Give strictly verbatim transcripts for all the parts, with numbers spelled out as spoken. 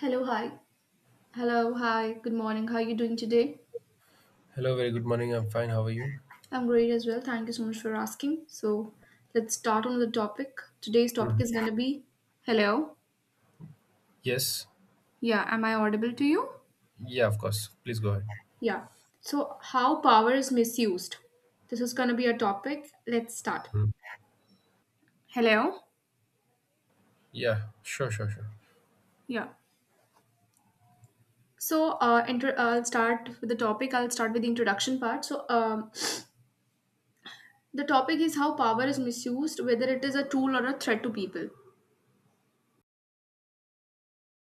Hello, hi. Hello, hi. Good morning. How are you doing today? Hello, very good morning. I'm fine. How are you? I'm great as well. Thank you so much for asking. So, let's start on the topic. Today's topic Mhm. is going to be Hello. Yes. Yeah, am I audible to you? Yeah, of course. Please go ahead. Yeah. So, how power is misused. This is going to be a topic. Let's start. Mhm. Hello. Yeah, sure, sure, sure. Yeah. So, uh, inter- I'll start with the topic. I'll start with the introduction part. So, um, the topic is how power is misused, whether it is a tool or a threat to people.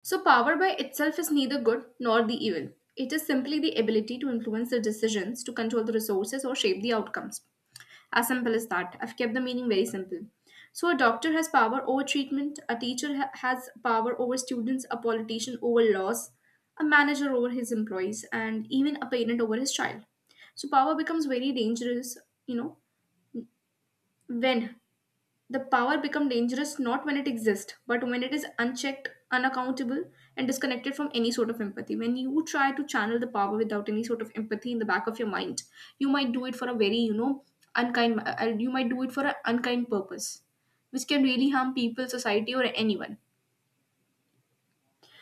So, power by itself is neither good nor the evil. It is simply the ability to influence the decisions, to control the resources, or shape the outcomes. As simple as that. I've kept the meaning very simple. So, a doctor has power over treatment, a teacher ha- has power over students, a politician over laws, a manager over his employees, and even a parent over his child. So, power becomes very dangerous, you know, when the power become dangerous not when it exists, but when it is unchecked, unaccountable, and disconnected from any sort of empathy. When you try to channel the power without any sort of empathy in the back of your mind, you might do it for a very, you know, unkind. Uh, you might do it for an unkind purpose, which can really harm people, society, or anyone.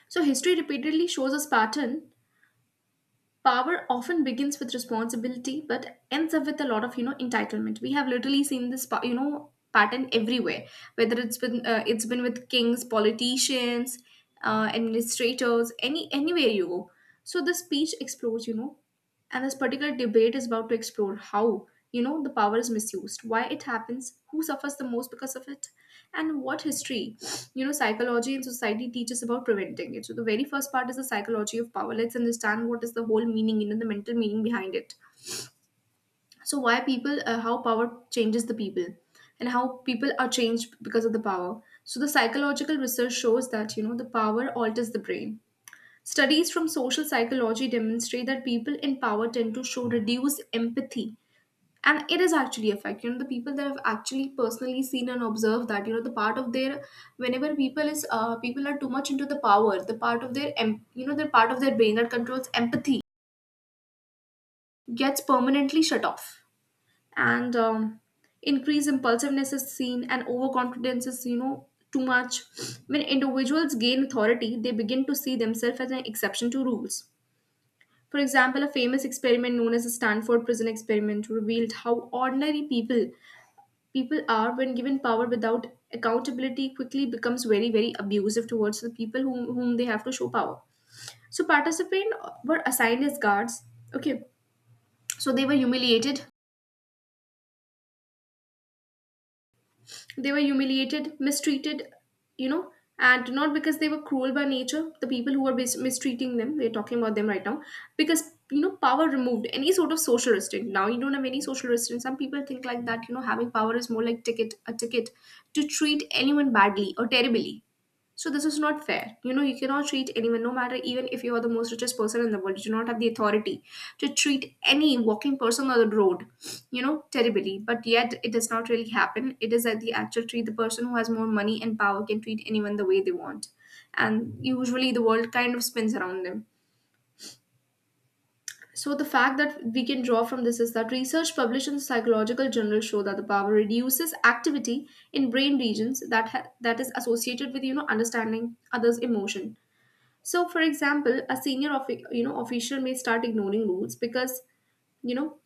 So history repeatedly shows us pattern, power often begins with responsibility but ends up with a lot of, you know entitlement. We have literally seen this pa- you know pattern everywhere, whether it's been uh, it's been with kings, politicians, uh, administrators, any anywhere you go. So the speech explores, you know and this particular debate is about to explore how, you know the power is misused, why it happens, who suffers the most because of it, and what history, you know psychology and society teaches about preventing it. So the very first part is the psychology of power. Let's understand what is the whole meaning, you know the mental meaning behind it. So why people uh, how power changes the people and how people are changed because of the power. So the psychological research shows that, you know the power alters the brain. Studies from social psychology demonstrate that people in power tend to show reduced empathy, and it is actually effect. You know, the people that have actually personally seen and observed that, you know the part of their, whenever people is uh, people are too much into the power, the part of their em- you know the part of their brain that controls empathy gets permanently shut off. And um, Increased impulsiveness is seen and overconfidence is, you know, too much. When individuals gain authority, they begin to see themselves as an exception to rules. For example, a famous experiment known as the Stanford prison experiment revealed how ordinary people, people are, when given power without accountability, quickly becomes very very abusive towards the people whom, whom they have to show power. So participants were assigned as guards. Okay. So they were humiliated. They were humiliated, mistreated, you know, and not because they were cruel by nature, the people who were mis- mistreating them we're talking about them right now, because, you know, power removed any sort of social restraint. Now you don't have any social restraint. Some people think like that, you know, having power is more like ticket a ticket to treat anyone badly or terribly. So this is not fair. You know, you cannot treat anyone, no matter even if you are the most richest person in the world, you do not have the authority to treat any walking person on the road, you know, terribly. But yet it does not really happen. It is that the actual treat, the person who has more money and power can treat anyone the way they want. And usually the world kind of spins around them. So the fact that we can draw from this is that research published in the Psychological Journal show that the power reduces activity in brain regions that ha- that is associated with, you know, understanding others' emotion. So, for example, a senior offi- you know official may start ignoring rules because, you know,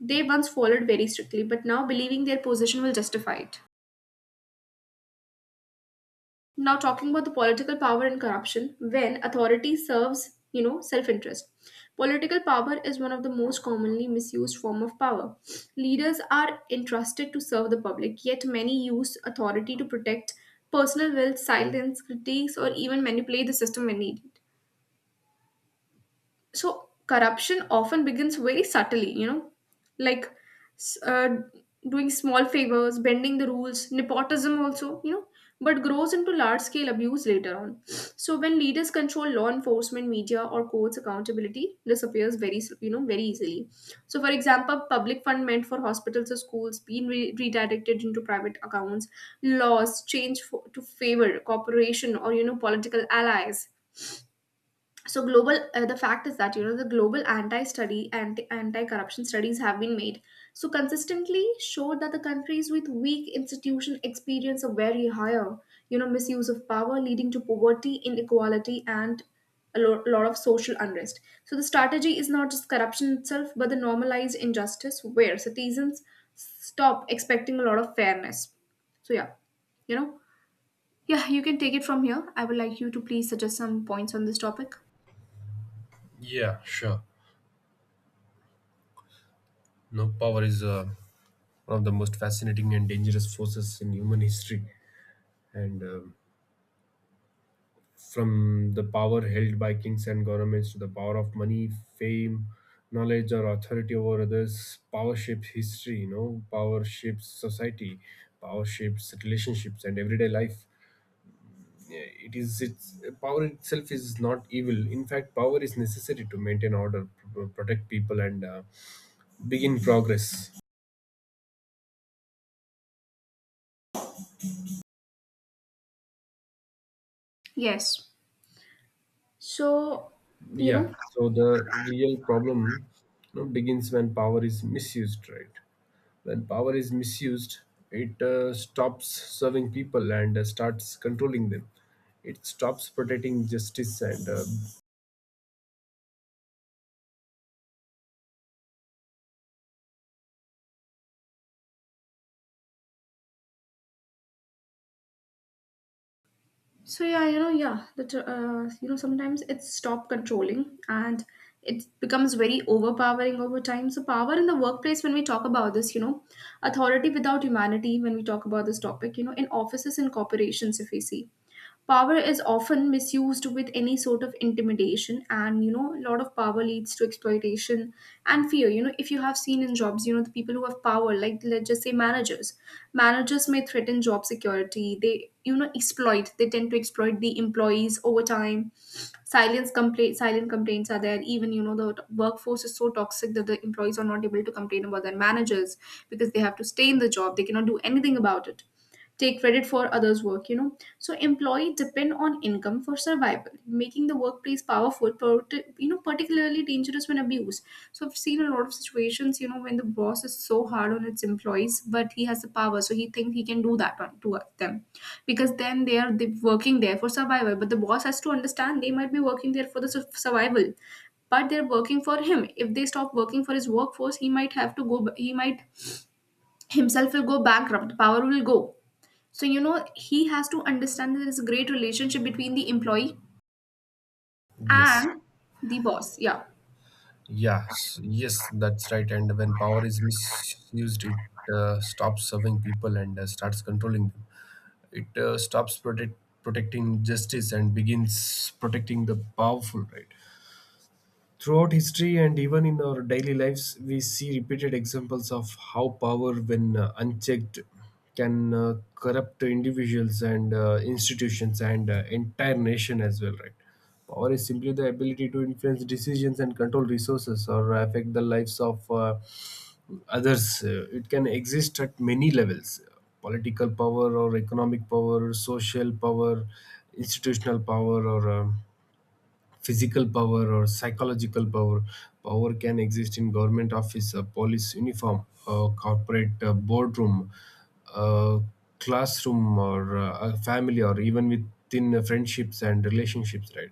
they once followed very strictly, but now believing their position will justify it. Now, talking about the political power and corruption, when authority serves, you know, self-interest, political power is one of the most commonly misused form of power. Leaders are entrusted to serve the public, yet many use authority to protect personal wealth, silence critiques, or even manipulate the system when needed. So corruption often begins very subtly, you know, like, s- uh, doing small favors, bending the rules, nepotism also, you know, but grows into large scale abuse later on. So when leaders control law enforcement, media, or courts, accountability disappears very s- you know very easily. So for example, public fund meant for hospitals or schools being re- redirected into private accounts, laws changed for, to favor corporation or, you know, political allies. So global uh, The fact is that, you know, the global anti-study anti anti-corruption studies have been made, so consistently showed that the countries with weak institution experience a very higher, you know, misuse of power, leading to poverty, inequality, and a lo- lot of social unrest. So the strategy is not just corruption itself but the normalized injustice where citizens stop expecting a lot of fairness. So yeah, you know, yeah, you can take it from here. I would like you to please suggest some points on this topic. Yeah, sure. No, power is uh, one of the most fascinating and dangerous forces in human history. And um from the power held by kings and governments to the power of money, fame, knowledge, or authority over others, power shapes history, you know, Power shapes society, power shapes relationships and everyday life. Yeah, it is its power itself is not evil. In fact, power is necessary to maintain order, p- protect people, and uh, begin progress. Yes. So, you Yeah, know. so the real problem you know, begins when power is misused, right? When power is misused, it uh, stops serving people and uh, starts controlling them. It stops protecting justice and uh, So yeah you know yeah that uh, You know, sometimes it's stop controlling and it becomes very overpowering over time. So power in the workplace, when we talk about this, you know, authority without humanity, when we talk about this topic, you know, in offices and corporations, if we see, power is often misused with any sort of intimidation, and, you know, a lot of power leads to exploitation and fear. You know, if you have seen in jobs, you know, the people who have power, like let's just say managers, managers may threaten job security. They, you know, exploit. They tend to exploit the employees over time, silence complaint, silent complaints are there. Even, you know, the t- workforce is so toxic that the employees are not able to complain about their managers because they have to stay in the job. They cannot do anything about it. Take credit for others' work, you know. So employees depend on income for survival, making the workplace powerful, parti- you know, particularly dangerous when abused. So I've seen a lot of situations, you know, when the boss is so hard on its employees, but he has the power, so he thinks he can do that on, to them, because then they are, they working there for survival. But the boss has to understand they might be working there for the su- survival, but they're working for him. If they stop working for his workforce, he might have to go. He might himself will go bankrupt. Power will go. So, you know, he has to understand that there is a great relationship between the employee yes. and the boss. Yeah. Yes, yes, that's right. And when power is misused, it uh, stops serving people and uh, starts controlling them. It uh, stops protect, protecting justice and begins protecting the powerful, right? Throughout history and even in our daily lives, we see repeated examples of how power, when uh, unchecked, can uh, corrupt individuals and uh, institutions and uh, entire nation as well, right? Power is simply the ability to influence decisions and control resources or affect the lives of uh, others. Uh, it can exist at many levels: political power or economic power, social power, institutional power, or um, physical power or psychological power. Power can exist in government office, a police uniform, a corporate uh, boardroom, a classroom, or uh, a family, or even within uh, friendships and relationships. Right.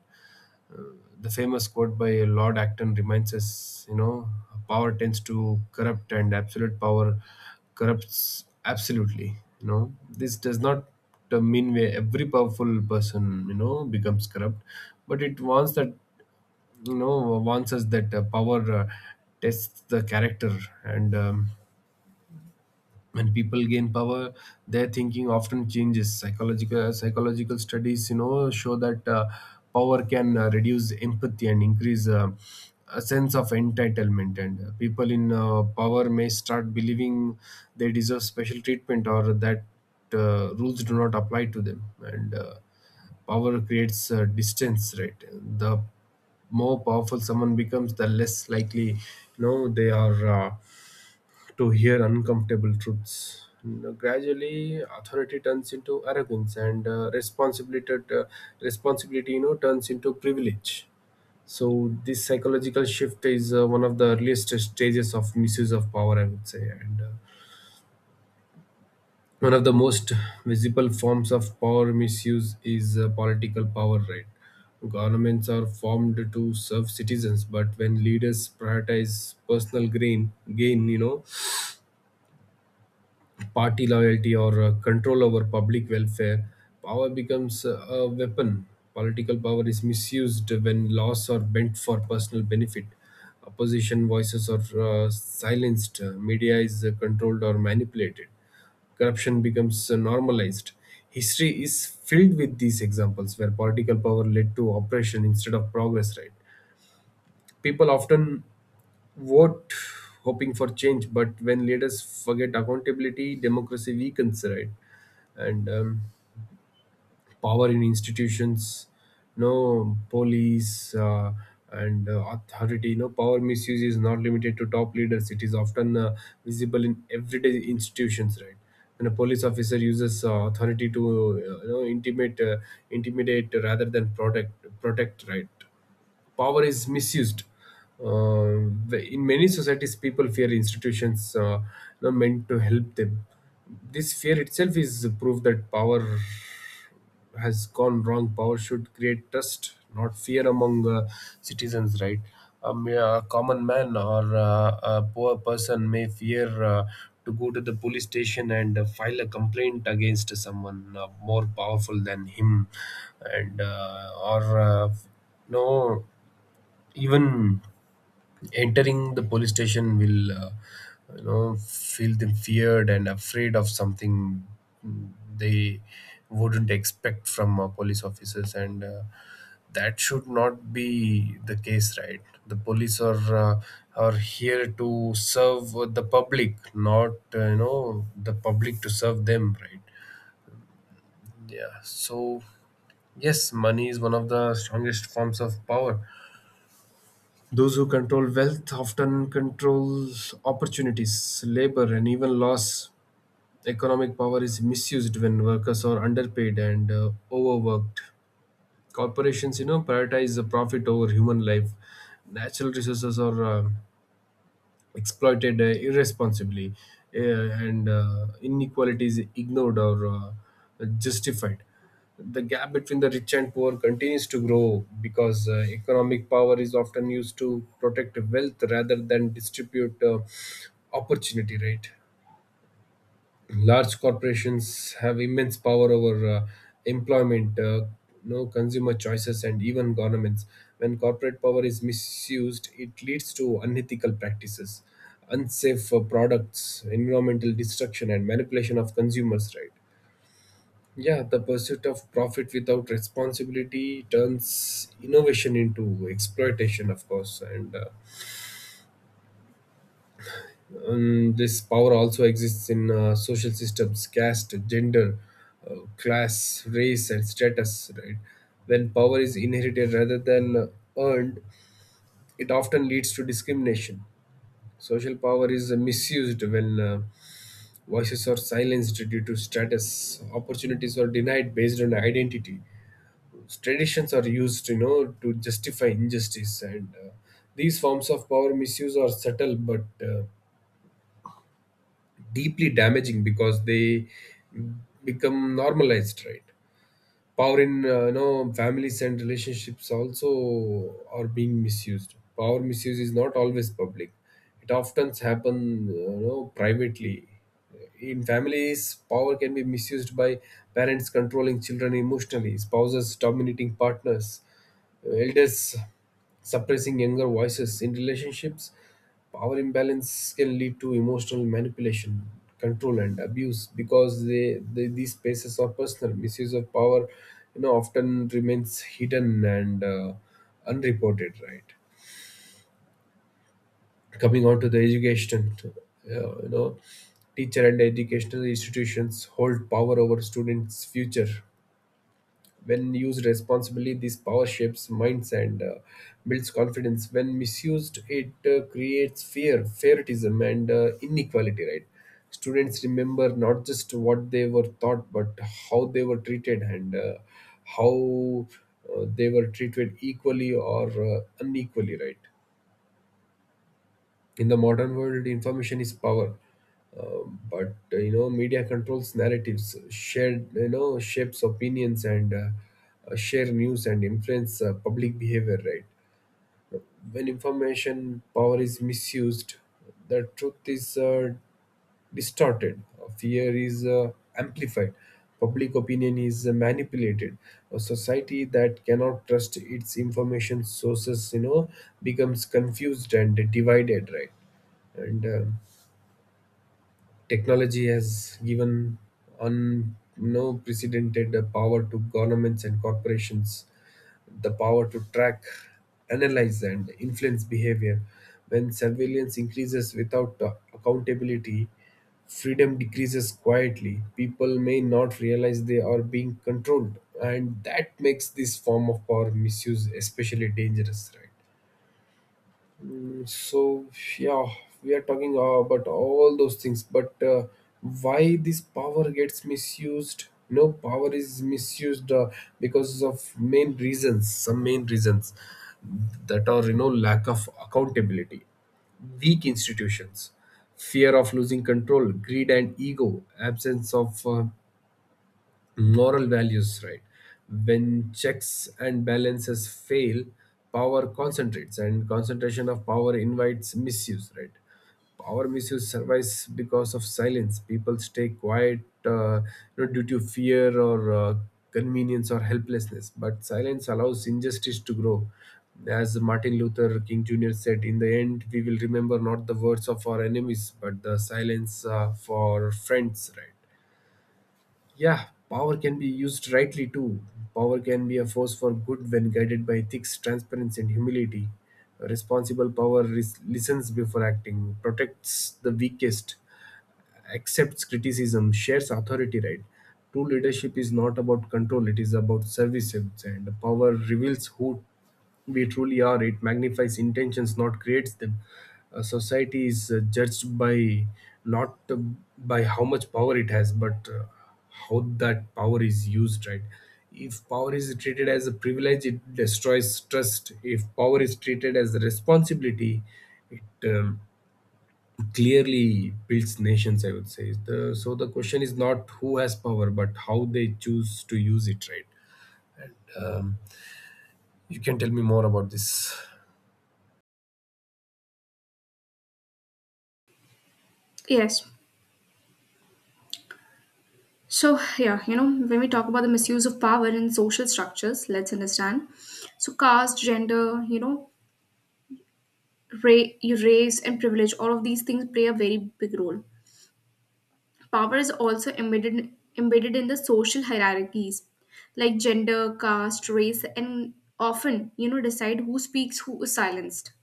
The famous quote by Lord Acton reminds us, you know, power tends to corrupt, and absolute power corrupts absolutely. You know, this does not uh, mean where every powerful person you know becomes corrupt, but it warns that, you know, wants us that uh, power uh, tests the character, and um, when people gain power, their thinking often changes. Psychological psychological studies, you know, show that uh, power can uh, reduce empathy and increase uh, a sense of entitlement, and uh, people in uh, power may start believing they deserve special treatment, or that uh, rules do not apply to them, and uh, power creates uh, distance, right? The more powerful someone becomes, the less likely, you know, they are uh, to hear uncomfortable truths. N- Gradually, authority turns into arrogance, and uh, responsibility, uh, responsibility, you know, turns into privilege. So this psychological shift is uh, one of the earliest stages of misuse of power, I would say, and uh, one of the most visible forms of power misuse is uh, political power. Right, governments are formed to serve citizens, but when leaders prioritize personal gain, gain, you know, party loyalty, or uh, control over public welfare, power becomes uh, a weapon. Political power is misused when laws are bent for personal benefit. Opposition voices are uh, silenced. Uh, media is uh, controlled or manipulated. Corruption becomes uh, normalized. History is filled with these examples where political power led to oppression instead of progress, right? People often vote, hoping for change, but when leaders forget accountability, democracy weakens, right? And um, power in institutions, no police uh, and uh, authority, no, power misuse is not limited to top leaders. It is often uh, visible in everyday institutions, right? When a police officer uses uh, authority to uh, you know, intimate, uh, intimidate rather than protect, protect, right? Power is misused. Uh, in many societies, people fear institutions uh, not meant to help them. This fear itself is proof that power has gone wrong. Power should create trust, not fear among uh, citizens, right? A, mere- a common man or uh, a poor person may fear uh, to go to the police station and uh, file a complaint against someone uh, more powerful than him, and uh, or uh, no, even entering the police station will uh, you know feel them feared and afraid of something they wouldn't expect from uh, police officers, and uh, that should not be the case, right? The police are uh, are here to serve the public, not uh, you know the public to serve them, right? Yeah, so yes, money is one of the strongest forms of power. Those who control wealth often control opportunities, labor, and even loss. Economic power is misused when workers are underpaid and uh, overworked. Corporations, you know, prioritize the profit over human life. Natural resources are uh, exploited uh, irresponsibly, uh, and uh, inequalities ignored or uh, justified. The gap between the rich and poor continues to grow because uh, economic power is often used to protect wealth rather than distribute uh, opportunity, right? Large corporations have immense power over uh, employment, uh, no, consumer choices, and even governments. When corporate power is misused, it leads to unethical practices, unsafe uh, products, environmental destruction, and manipulation of consumers' right. Yeah, the pursuit of profit without responsibility turns innovation into exploitation, of course, and uh, Um, this power also exists in uh, social systems, caste, gender, uh, class, race, and status. Right? When power is inherited rather than uh, earned, it often leads to discrimination. Social power is uh, misused when uh, voices are silenced due to status. Opportunities are denied based on identity. Traditions are used, you know, to justify injustice, and uh, these forms of power misuse are subtle but uh, deeply damaging because they become normalized, right? Power in, uh, you know, families and relationships also are being misused. Power misuse is not always public; it often happen uh, you know privately. In families, power can be misused by parents controlling children emotionally, spouses dominating partners, elders suppressing younger voices. In relationships, power imbalance can lead to emotional manipulation, control, and abuse. Because they, they these spaces are personal, misuse of power, you know, often remains hidden and uh, unreported. Right. Coming on to the education, uh, you know, teacher and educational institutions hold power over students' future. When used responsibly, this power shapes minds and uh, builds confidence. When misused, it uh, creates fear, favoritism, and uh, inequality, right? Students remember not just what they were taught, but how they were treated, and uh, how uh, they were treated equally or uh, unequally, right? In the modern world, information is power. Uh, but uh, You know, media controls narratives, shared, you know, shapes opinions, and uh, uh, share news and influence uh, public behavior, right? When information power is misused, the truth is uh, distorted, fear is uh, amplified, public opinion is uh, manipulated. A society that cannot trust its information sources, you know, becomes confused and divided, right? And um technology has given unprecedented power to governments and corporations, the power to track, analyze, and influence behavior. When surveillance increases without uh, accountability, freedom decreases quietly. People may not realize they are being controlled, and that makes this form of power misuse especially dangerous, right? So yeah, we are talking uh, about all those things, but uh, why this power gets misused, no, power is misused uh, because of main reasons. Some main reasons that are, you know, lack of accountability, weak institutions, fear of losing control, greed and ego, absence of uh, moral values, right? When checks and balances fail, power concentrates, and concentration of power invites misuse, right? Power misuse survives because of silence. People stay quiet, uh, you know, due to fear or uh, convenience or helplessness. But silence allows injustice to grow. As Martin Luther King Junior said, in the end, we will remember not the words of our enemies, but the silence uh, for friends, right? Yeah, power can be used rightly too. Power can be a force for good when guided by ethics, transparency, and humility. A responsible power ris- listens before acting, protects the weakest, accepts criticism, shares authority, right? True leadership is not about control, it is about service. And power reveals who we truly are; it magnifies intentions, not creates them. A society is uh, judged by not uh, by how much power it has, but uh, how that power is used, right? If power is treated as a privilege, it destroys trust. If power is treated as a responsibility, it um, clearly builds nations, I would say. The, so the question is not who has power, but how they choose to use it, right? Um, you can tell me more about this. Yes. So, yeah, you know, when we talk about the misuse of power in social structures, let's understand. So, caste, gender, you know, ra- race, and privilege, all of these things play a very big role. Power is also embedded embedded in the social hierarchies like gender, caste, race, and often, you know, decide who speaks, who is silenced.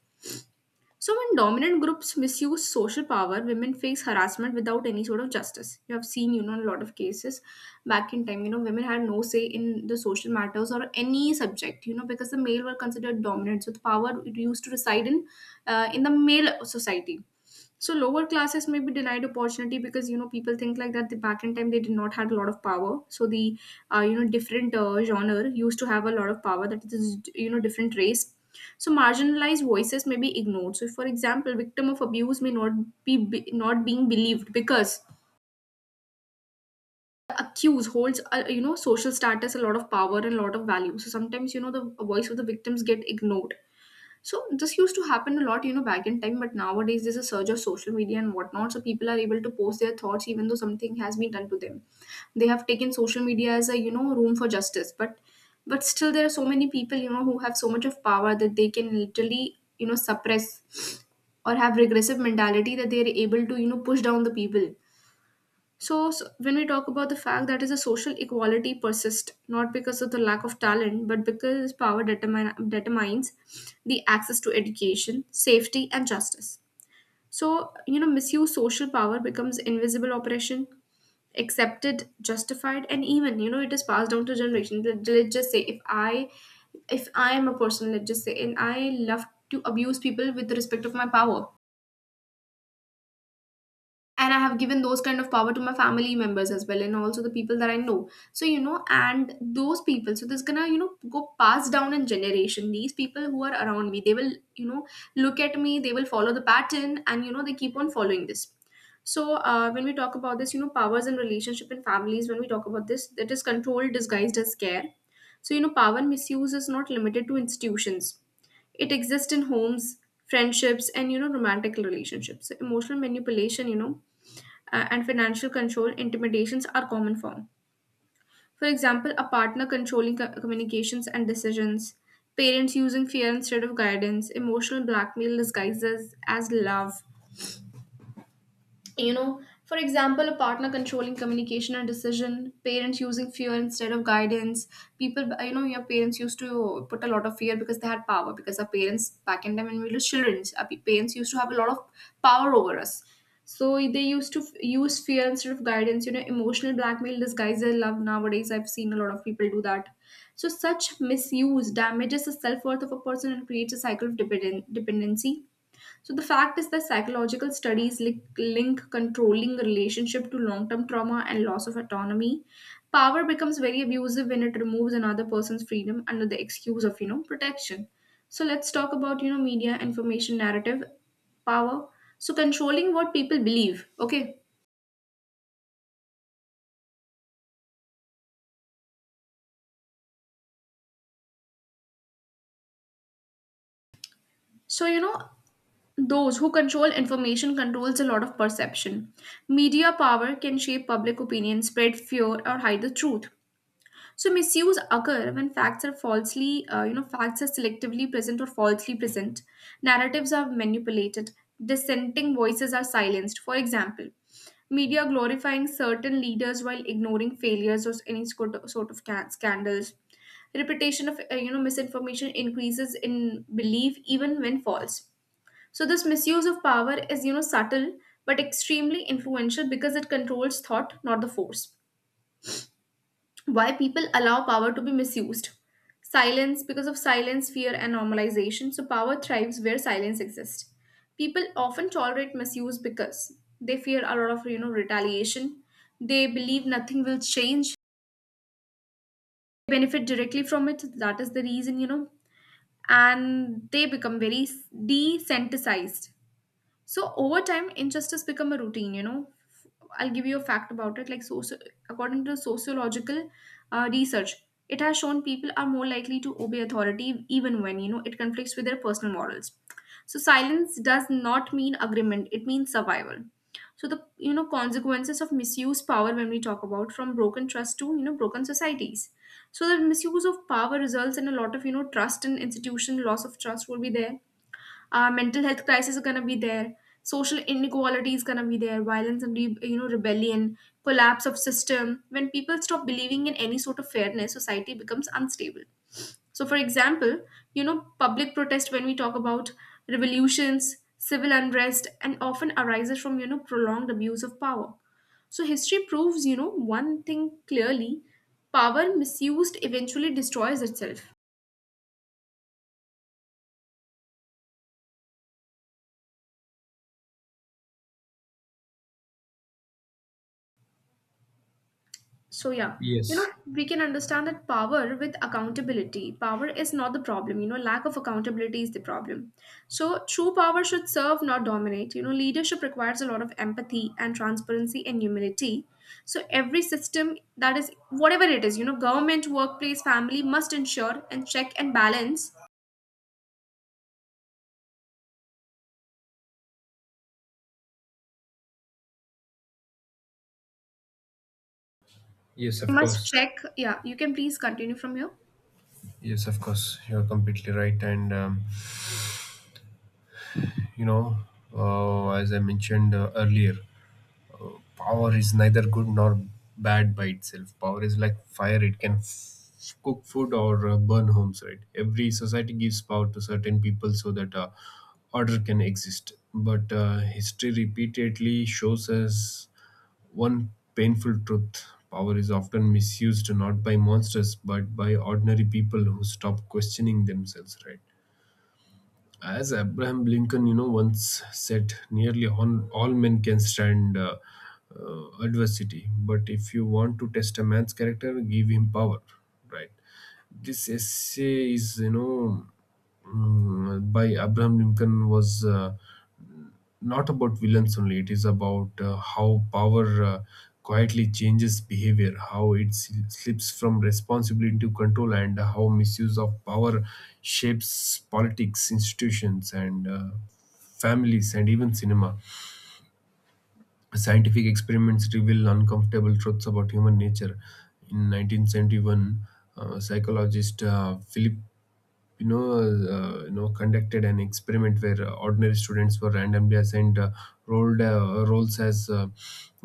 So, when dominant groups misuse social power, women face harassment without any sort of justice. You have seen, you know, in a lot of cases back in time, you know, women had no say in the social matters or any subject, you know, because the male were considered dominant. So, the power it used to reside in, uh, in the male society. So, lower classes may be denied opportunity because, you know, people think like that. The back in time, they did not had a lot of power. So, the uh, you know, different uh, genre used to have a lot of power. That is, you know, different race. So marginalized voices may be ignored. So for example victim of abuse may not be, be not being believed because the accused holds a, you know social status, a lot of power and a lot of value. So sometimes, you know the voice of the victims get ignored. So this used to happen a lot you know back in time, but nowadays there's a surge of social media and whatnot, so people are able to post their thoughts even though something has been done to them. They have taken social media as a you know room for justice, but but still there are so many people you know who have so much of power that they can literally you know suppress, or have regressive mentality that they are able to you know push down the people. So, so when we talk about the fact that is a social equality persist not because of the lack of talent but because power determine, determines the access to education, safety and justice. So you know misuse social power becomes invisible oppression, accepted, justified, and even you know it is passed down to generation. Let- let's just say if I, if I am a person, let's just say, and I love to abuse people with respect of my power, and I have given those kind of power to my family members as well, and also the people that I know. So you know and those people, so this gonna you know go pass down in generation. These people who are around me, they will you know look at me, they will follow the pattern, and you know they keep on following this. So uh, when we talk about this, you know powers in relationship and families, when we talk about this, that is control disguised as care. So you know power misuse is not limited to institutions. It exists in homes, friendships, and you know romantic relationships. So emotional manipulation, you know uh, and financial control, intimidations are common form. For example, a partner controlling co- communications and decisions, parents using fear instead of guidance, emotional blackmail disguises as love. you know for example, a partner controlling communication and decision, parents using fear instead of guidance. People, you know your parents used to put a lot of fear because they had power, because our parents back in time when we were children, our pe- parents used to have a lot of power over us. So they used to f- use fear instead of guidance. you know emotional blackmail disguised as love, nowadays I've seen a lot of people do that. So such misuse damages the self-worth of a person and creates a cycle of dependen- dependency. So the fact is that psychological studies link, link controlling relationship to long-term trauma and loss of autonomy. Power becomes very abusive when it removes another person's freedom under the excuse of, you know, protection. So let's talk about, you know, media information narrative power. So controlling what people believe. Okay. So, you know, those who control information controls a lot of perception. Media power can shape public opinion, spread fear, or hide the truth. So misuse occur when facts are falsely, uh, you know, facts are selectively present or falsely present. Narratives are manipulated. Dissenting voices are silenced. For example, media glorifying certain leaders while ignoring failures or any sort of sort of ca- scandals. Repetition of uh, you know misinformation increases in belief even when false. So this misuse of power is you know subtle but extremely influential, because it controls thought, not the force. Why people allow power to be misused? Silence, because of silence, fear, and normalization, so power thrives where silence exists. People often tolerate misuse because they fear a lot of you know retaliation. They believe nothing will change. They benefit directly from it. That is the reason, you know, and they become very desensitized. So over time, injustice become a routine. You know, I'll give you a fact about it. Like, socio- according to sociological uh, research, it has shown people are more likely to obey authority even when you know it conflicts with their personal morals. So silence does not mean agreement; it means survival. So the you know consequences of misuse power, when we talk about, from broken trust to you know broken societies. So the misuse of power results in a lot of you know trust and institution, loss of trust will be there, uh, mental health crisis are going to be there, social inequality is going to be there, violence and re- you know rebellion, collapse of system. When people stop believing in any sort of fairness, society becomes unstable. So for example, you know public protest, when we talk about revolutions, civil unrest and often arises from you know prolonged abuse of power. So history proves, you know one thing clearly: power misused eventually destroys itself. So, yeah, you know, Yes. we can understand that power with accountability. Power is not the problem, you know, lack of accountability is the problem. So, true power should serve, not dominate. You know, leadership requires a lot of empathy and transparency and humility. So, every system, that is, whatever it is, you know, government, workplace, family, must ensure and check and balance. Yes, of Must course. check. Yeah, you can please continue from here. Yes, of course, you're completely right. And, um, you know, uh, as I mentioned uh, earlier, power is neither good nor bad by itself. Power is like fire; it can f- cook food or uh, burn homes. Right? Every society gives power to certain people so that uh, order can exist. But uh, history repeatedly shows us one painful truth: power is often misused not by monsters but by ordinary people who stop questioning themselves. Right? As Abraham Lincoln, you know, once said, nearly on all men can stand uh, uh, adversity, but if you want to test a man's character, give him power. Right. This essay is, you know, mm, by Abraham Lincoln was uh, not about villains only, it is about uh, how power uh, quietly changes behavior, how it sl- slips from responsibility to control, and how misuse of power shapes politics, institutions, and uh, families and even cinema. Scientific experiments reveal uncomfortable truths about human nature. In nineteen seventy-one, uh, psychologist uh, Philip, you know, uh, you know, conducted an experiment where uh, ordinary students were randomly assigned uh, rolled uh, roles as uh,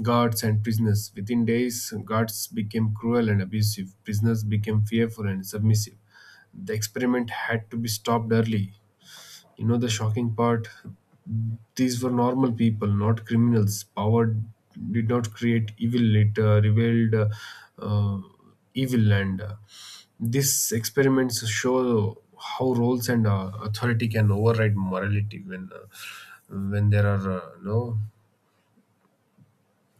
guards and prisoners. Within days, guards became cruel and abusive. Prisoners became fearful and submissive. The experiment had to be stopped early. You know the shocking part? These were normal people, not criminals. Power did not create evil, it uh, revealed uh, uh, evil. And uh, These experiments show how roles and uh, authority can override morality when uh, when there are uh, no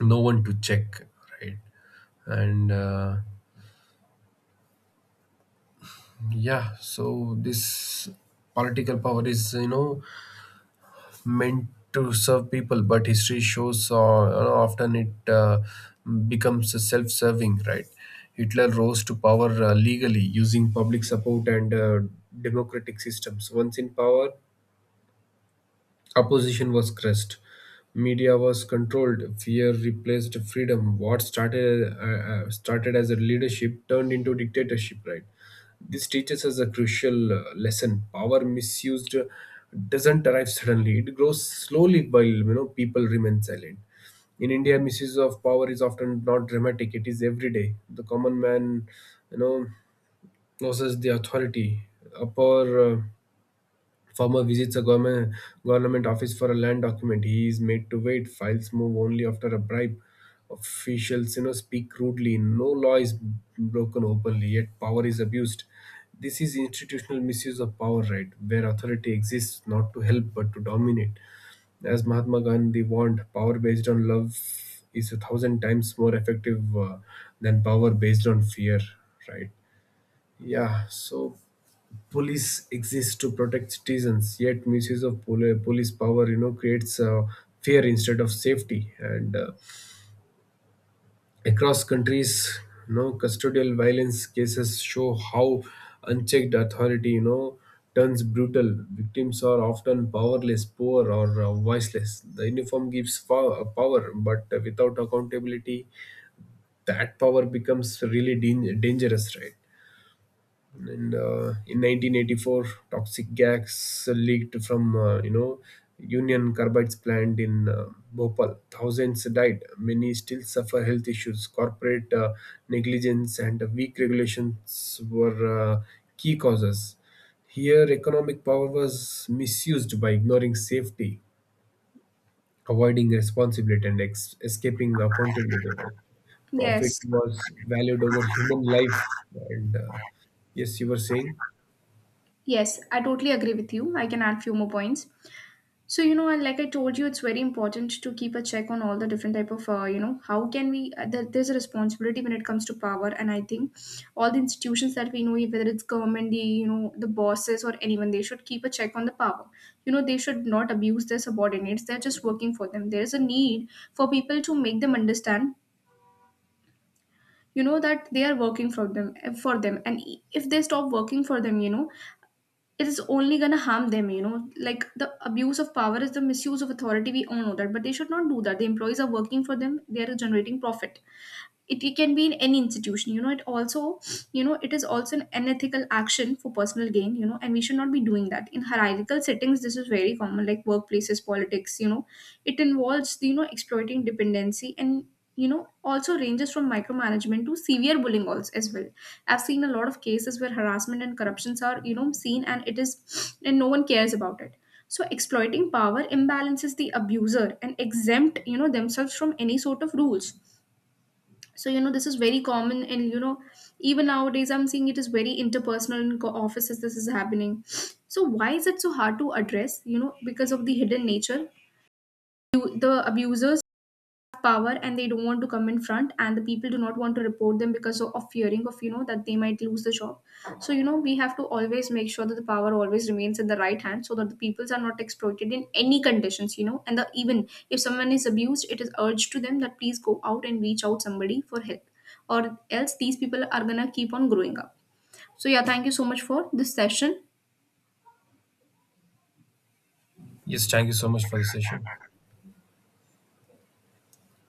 no one to check, right? And uh, Yeah, so this political power is, you know, meant to serve people, but history shows uh, often it uh, becomes self-serving. Right? Hitler rose to power uh, legally, using public support and uh, democratic systems. Once in power, opposition was crushed. Media was controlled. Fear replaced freedom. What started uh, uh, started as a leadership turned into dictatorship. Right. This teaches us a crucial uh, lesson: power misused uh, doesn't arrive suddenly. It grows slowly while, you know, people remain silent. In India, misuse of power is often not dramatic. It is everyday. The common man, you know, loses the authority. Upper uh, Farmer visits a government, government office for a land document. He is made to wait. Files move only after a bribe. Officials, you know, speak rudely. No law is broken openly, yet power is abused. This is institutional misuse of power, right? Where authority exists not to help but to dominate. As Mahatma Gandhi warned, power based on love is a thousand times more effective uh, than power based on fear, right? Yeah, so police exists to protect citizens, yet misuse of poli- police power, you know, creates uh, fear instead of safety. And uh, across countries, you know, custodial violence cases show how unchecked authority, you know, turns brutal. Victims are often powerless, poor, or uh, voiceless. The uniform gives fo- power, but uh, without accountability, that power becomes really dan- dangerous, right? and uh, in nineteen eighty-four, toxic gas leaked from, uh, you know, Union Carbide's plant in uh, Bhopal. Thousands died, many still suffer health issues. Corporate uh, negligence and weak regulations were uh, key causes here. Economic power was misused by ignoring safety, avoiding responsibility, and ex- escaping accountability, right? Profit Yes. was valued over human life, and uh, yes, you were saying. Yes, I totally agree with you. I can add few more points. So you know, and like I told you, it's very important to keep a check on all the different type of uh, you know how can we uh, there, there's a responsibility when it comes to power, and I think all the institutions that we know, whether it's government, the you know the bosses or anyone, they should keep a check on the power. You know, they should not abuse their subordinates. They're just working for them. There is a need for people to make them understand you know that they are working for them, for them and if they stop working for them, you know it is only going to harm them. you know like, the abuse of power is the misuse of authority, we all know that, but they should not do that. The employees are working for them, they are generating profit. It, it can be in any institution. you know it also, you know it is also an unethical action for personal gain. you know and we should not be doing that. In hierarchical settings this is very common, like workplaces, politics, you know it involves, you know exploiting dependency, and you know also ranges from micromanagement to severe bullying also as well. I've seen a lot of cases where harassment and corruptions are you know seen and it is, and no one cares about it. So exploiting power imbalances, the abuser and exempt you know themselves from any sort of rules. So you know this is very common, and you know even nowadays I'm seeing it is very interpersonal in co- offices, this is happening. So why is it so hard to address? you know because of the hidden nature. You- the abusers power and they don't want to come in front, and the people do not want to report them because of of fearing of, you know that they might lose the job. So you know we have to always make sure that the power always remains in the right hand, so that the peoples are not exploited in any conditions. you know and the, even if someone is abused, it is urged to them that please go out and reach out somebody for help, or else these people are gonna keep on growing up. So yeah, thank you so much for this session. Yes, thank you so much for the session.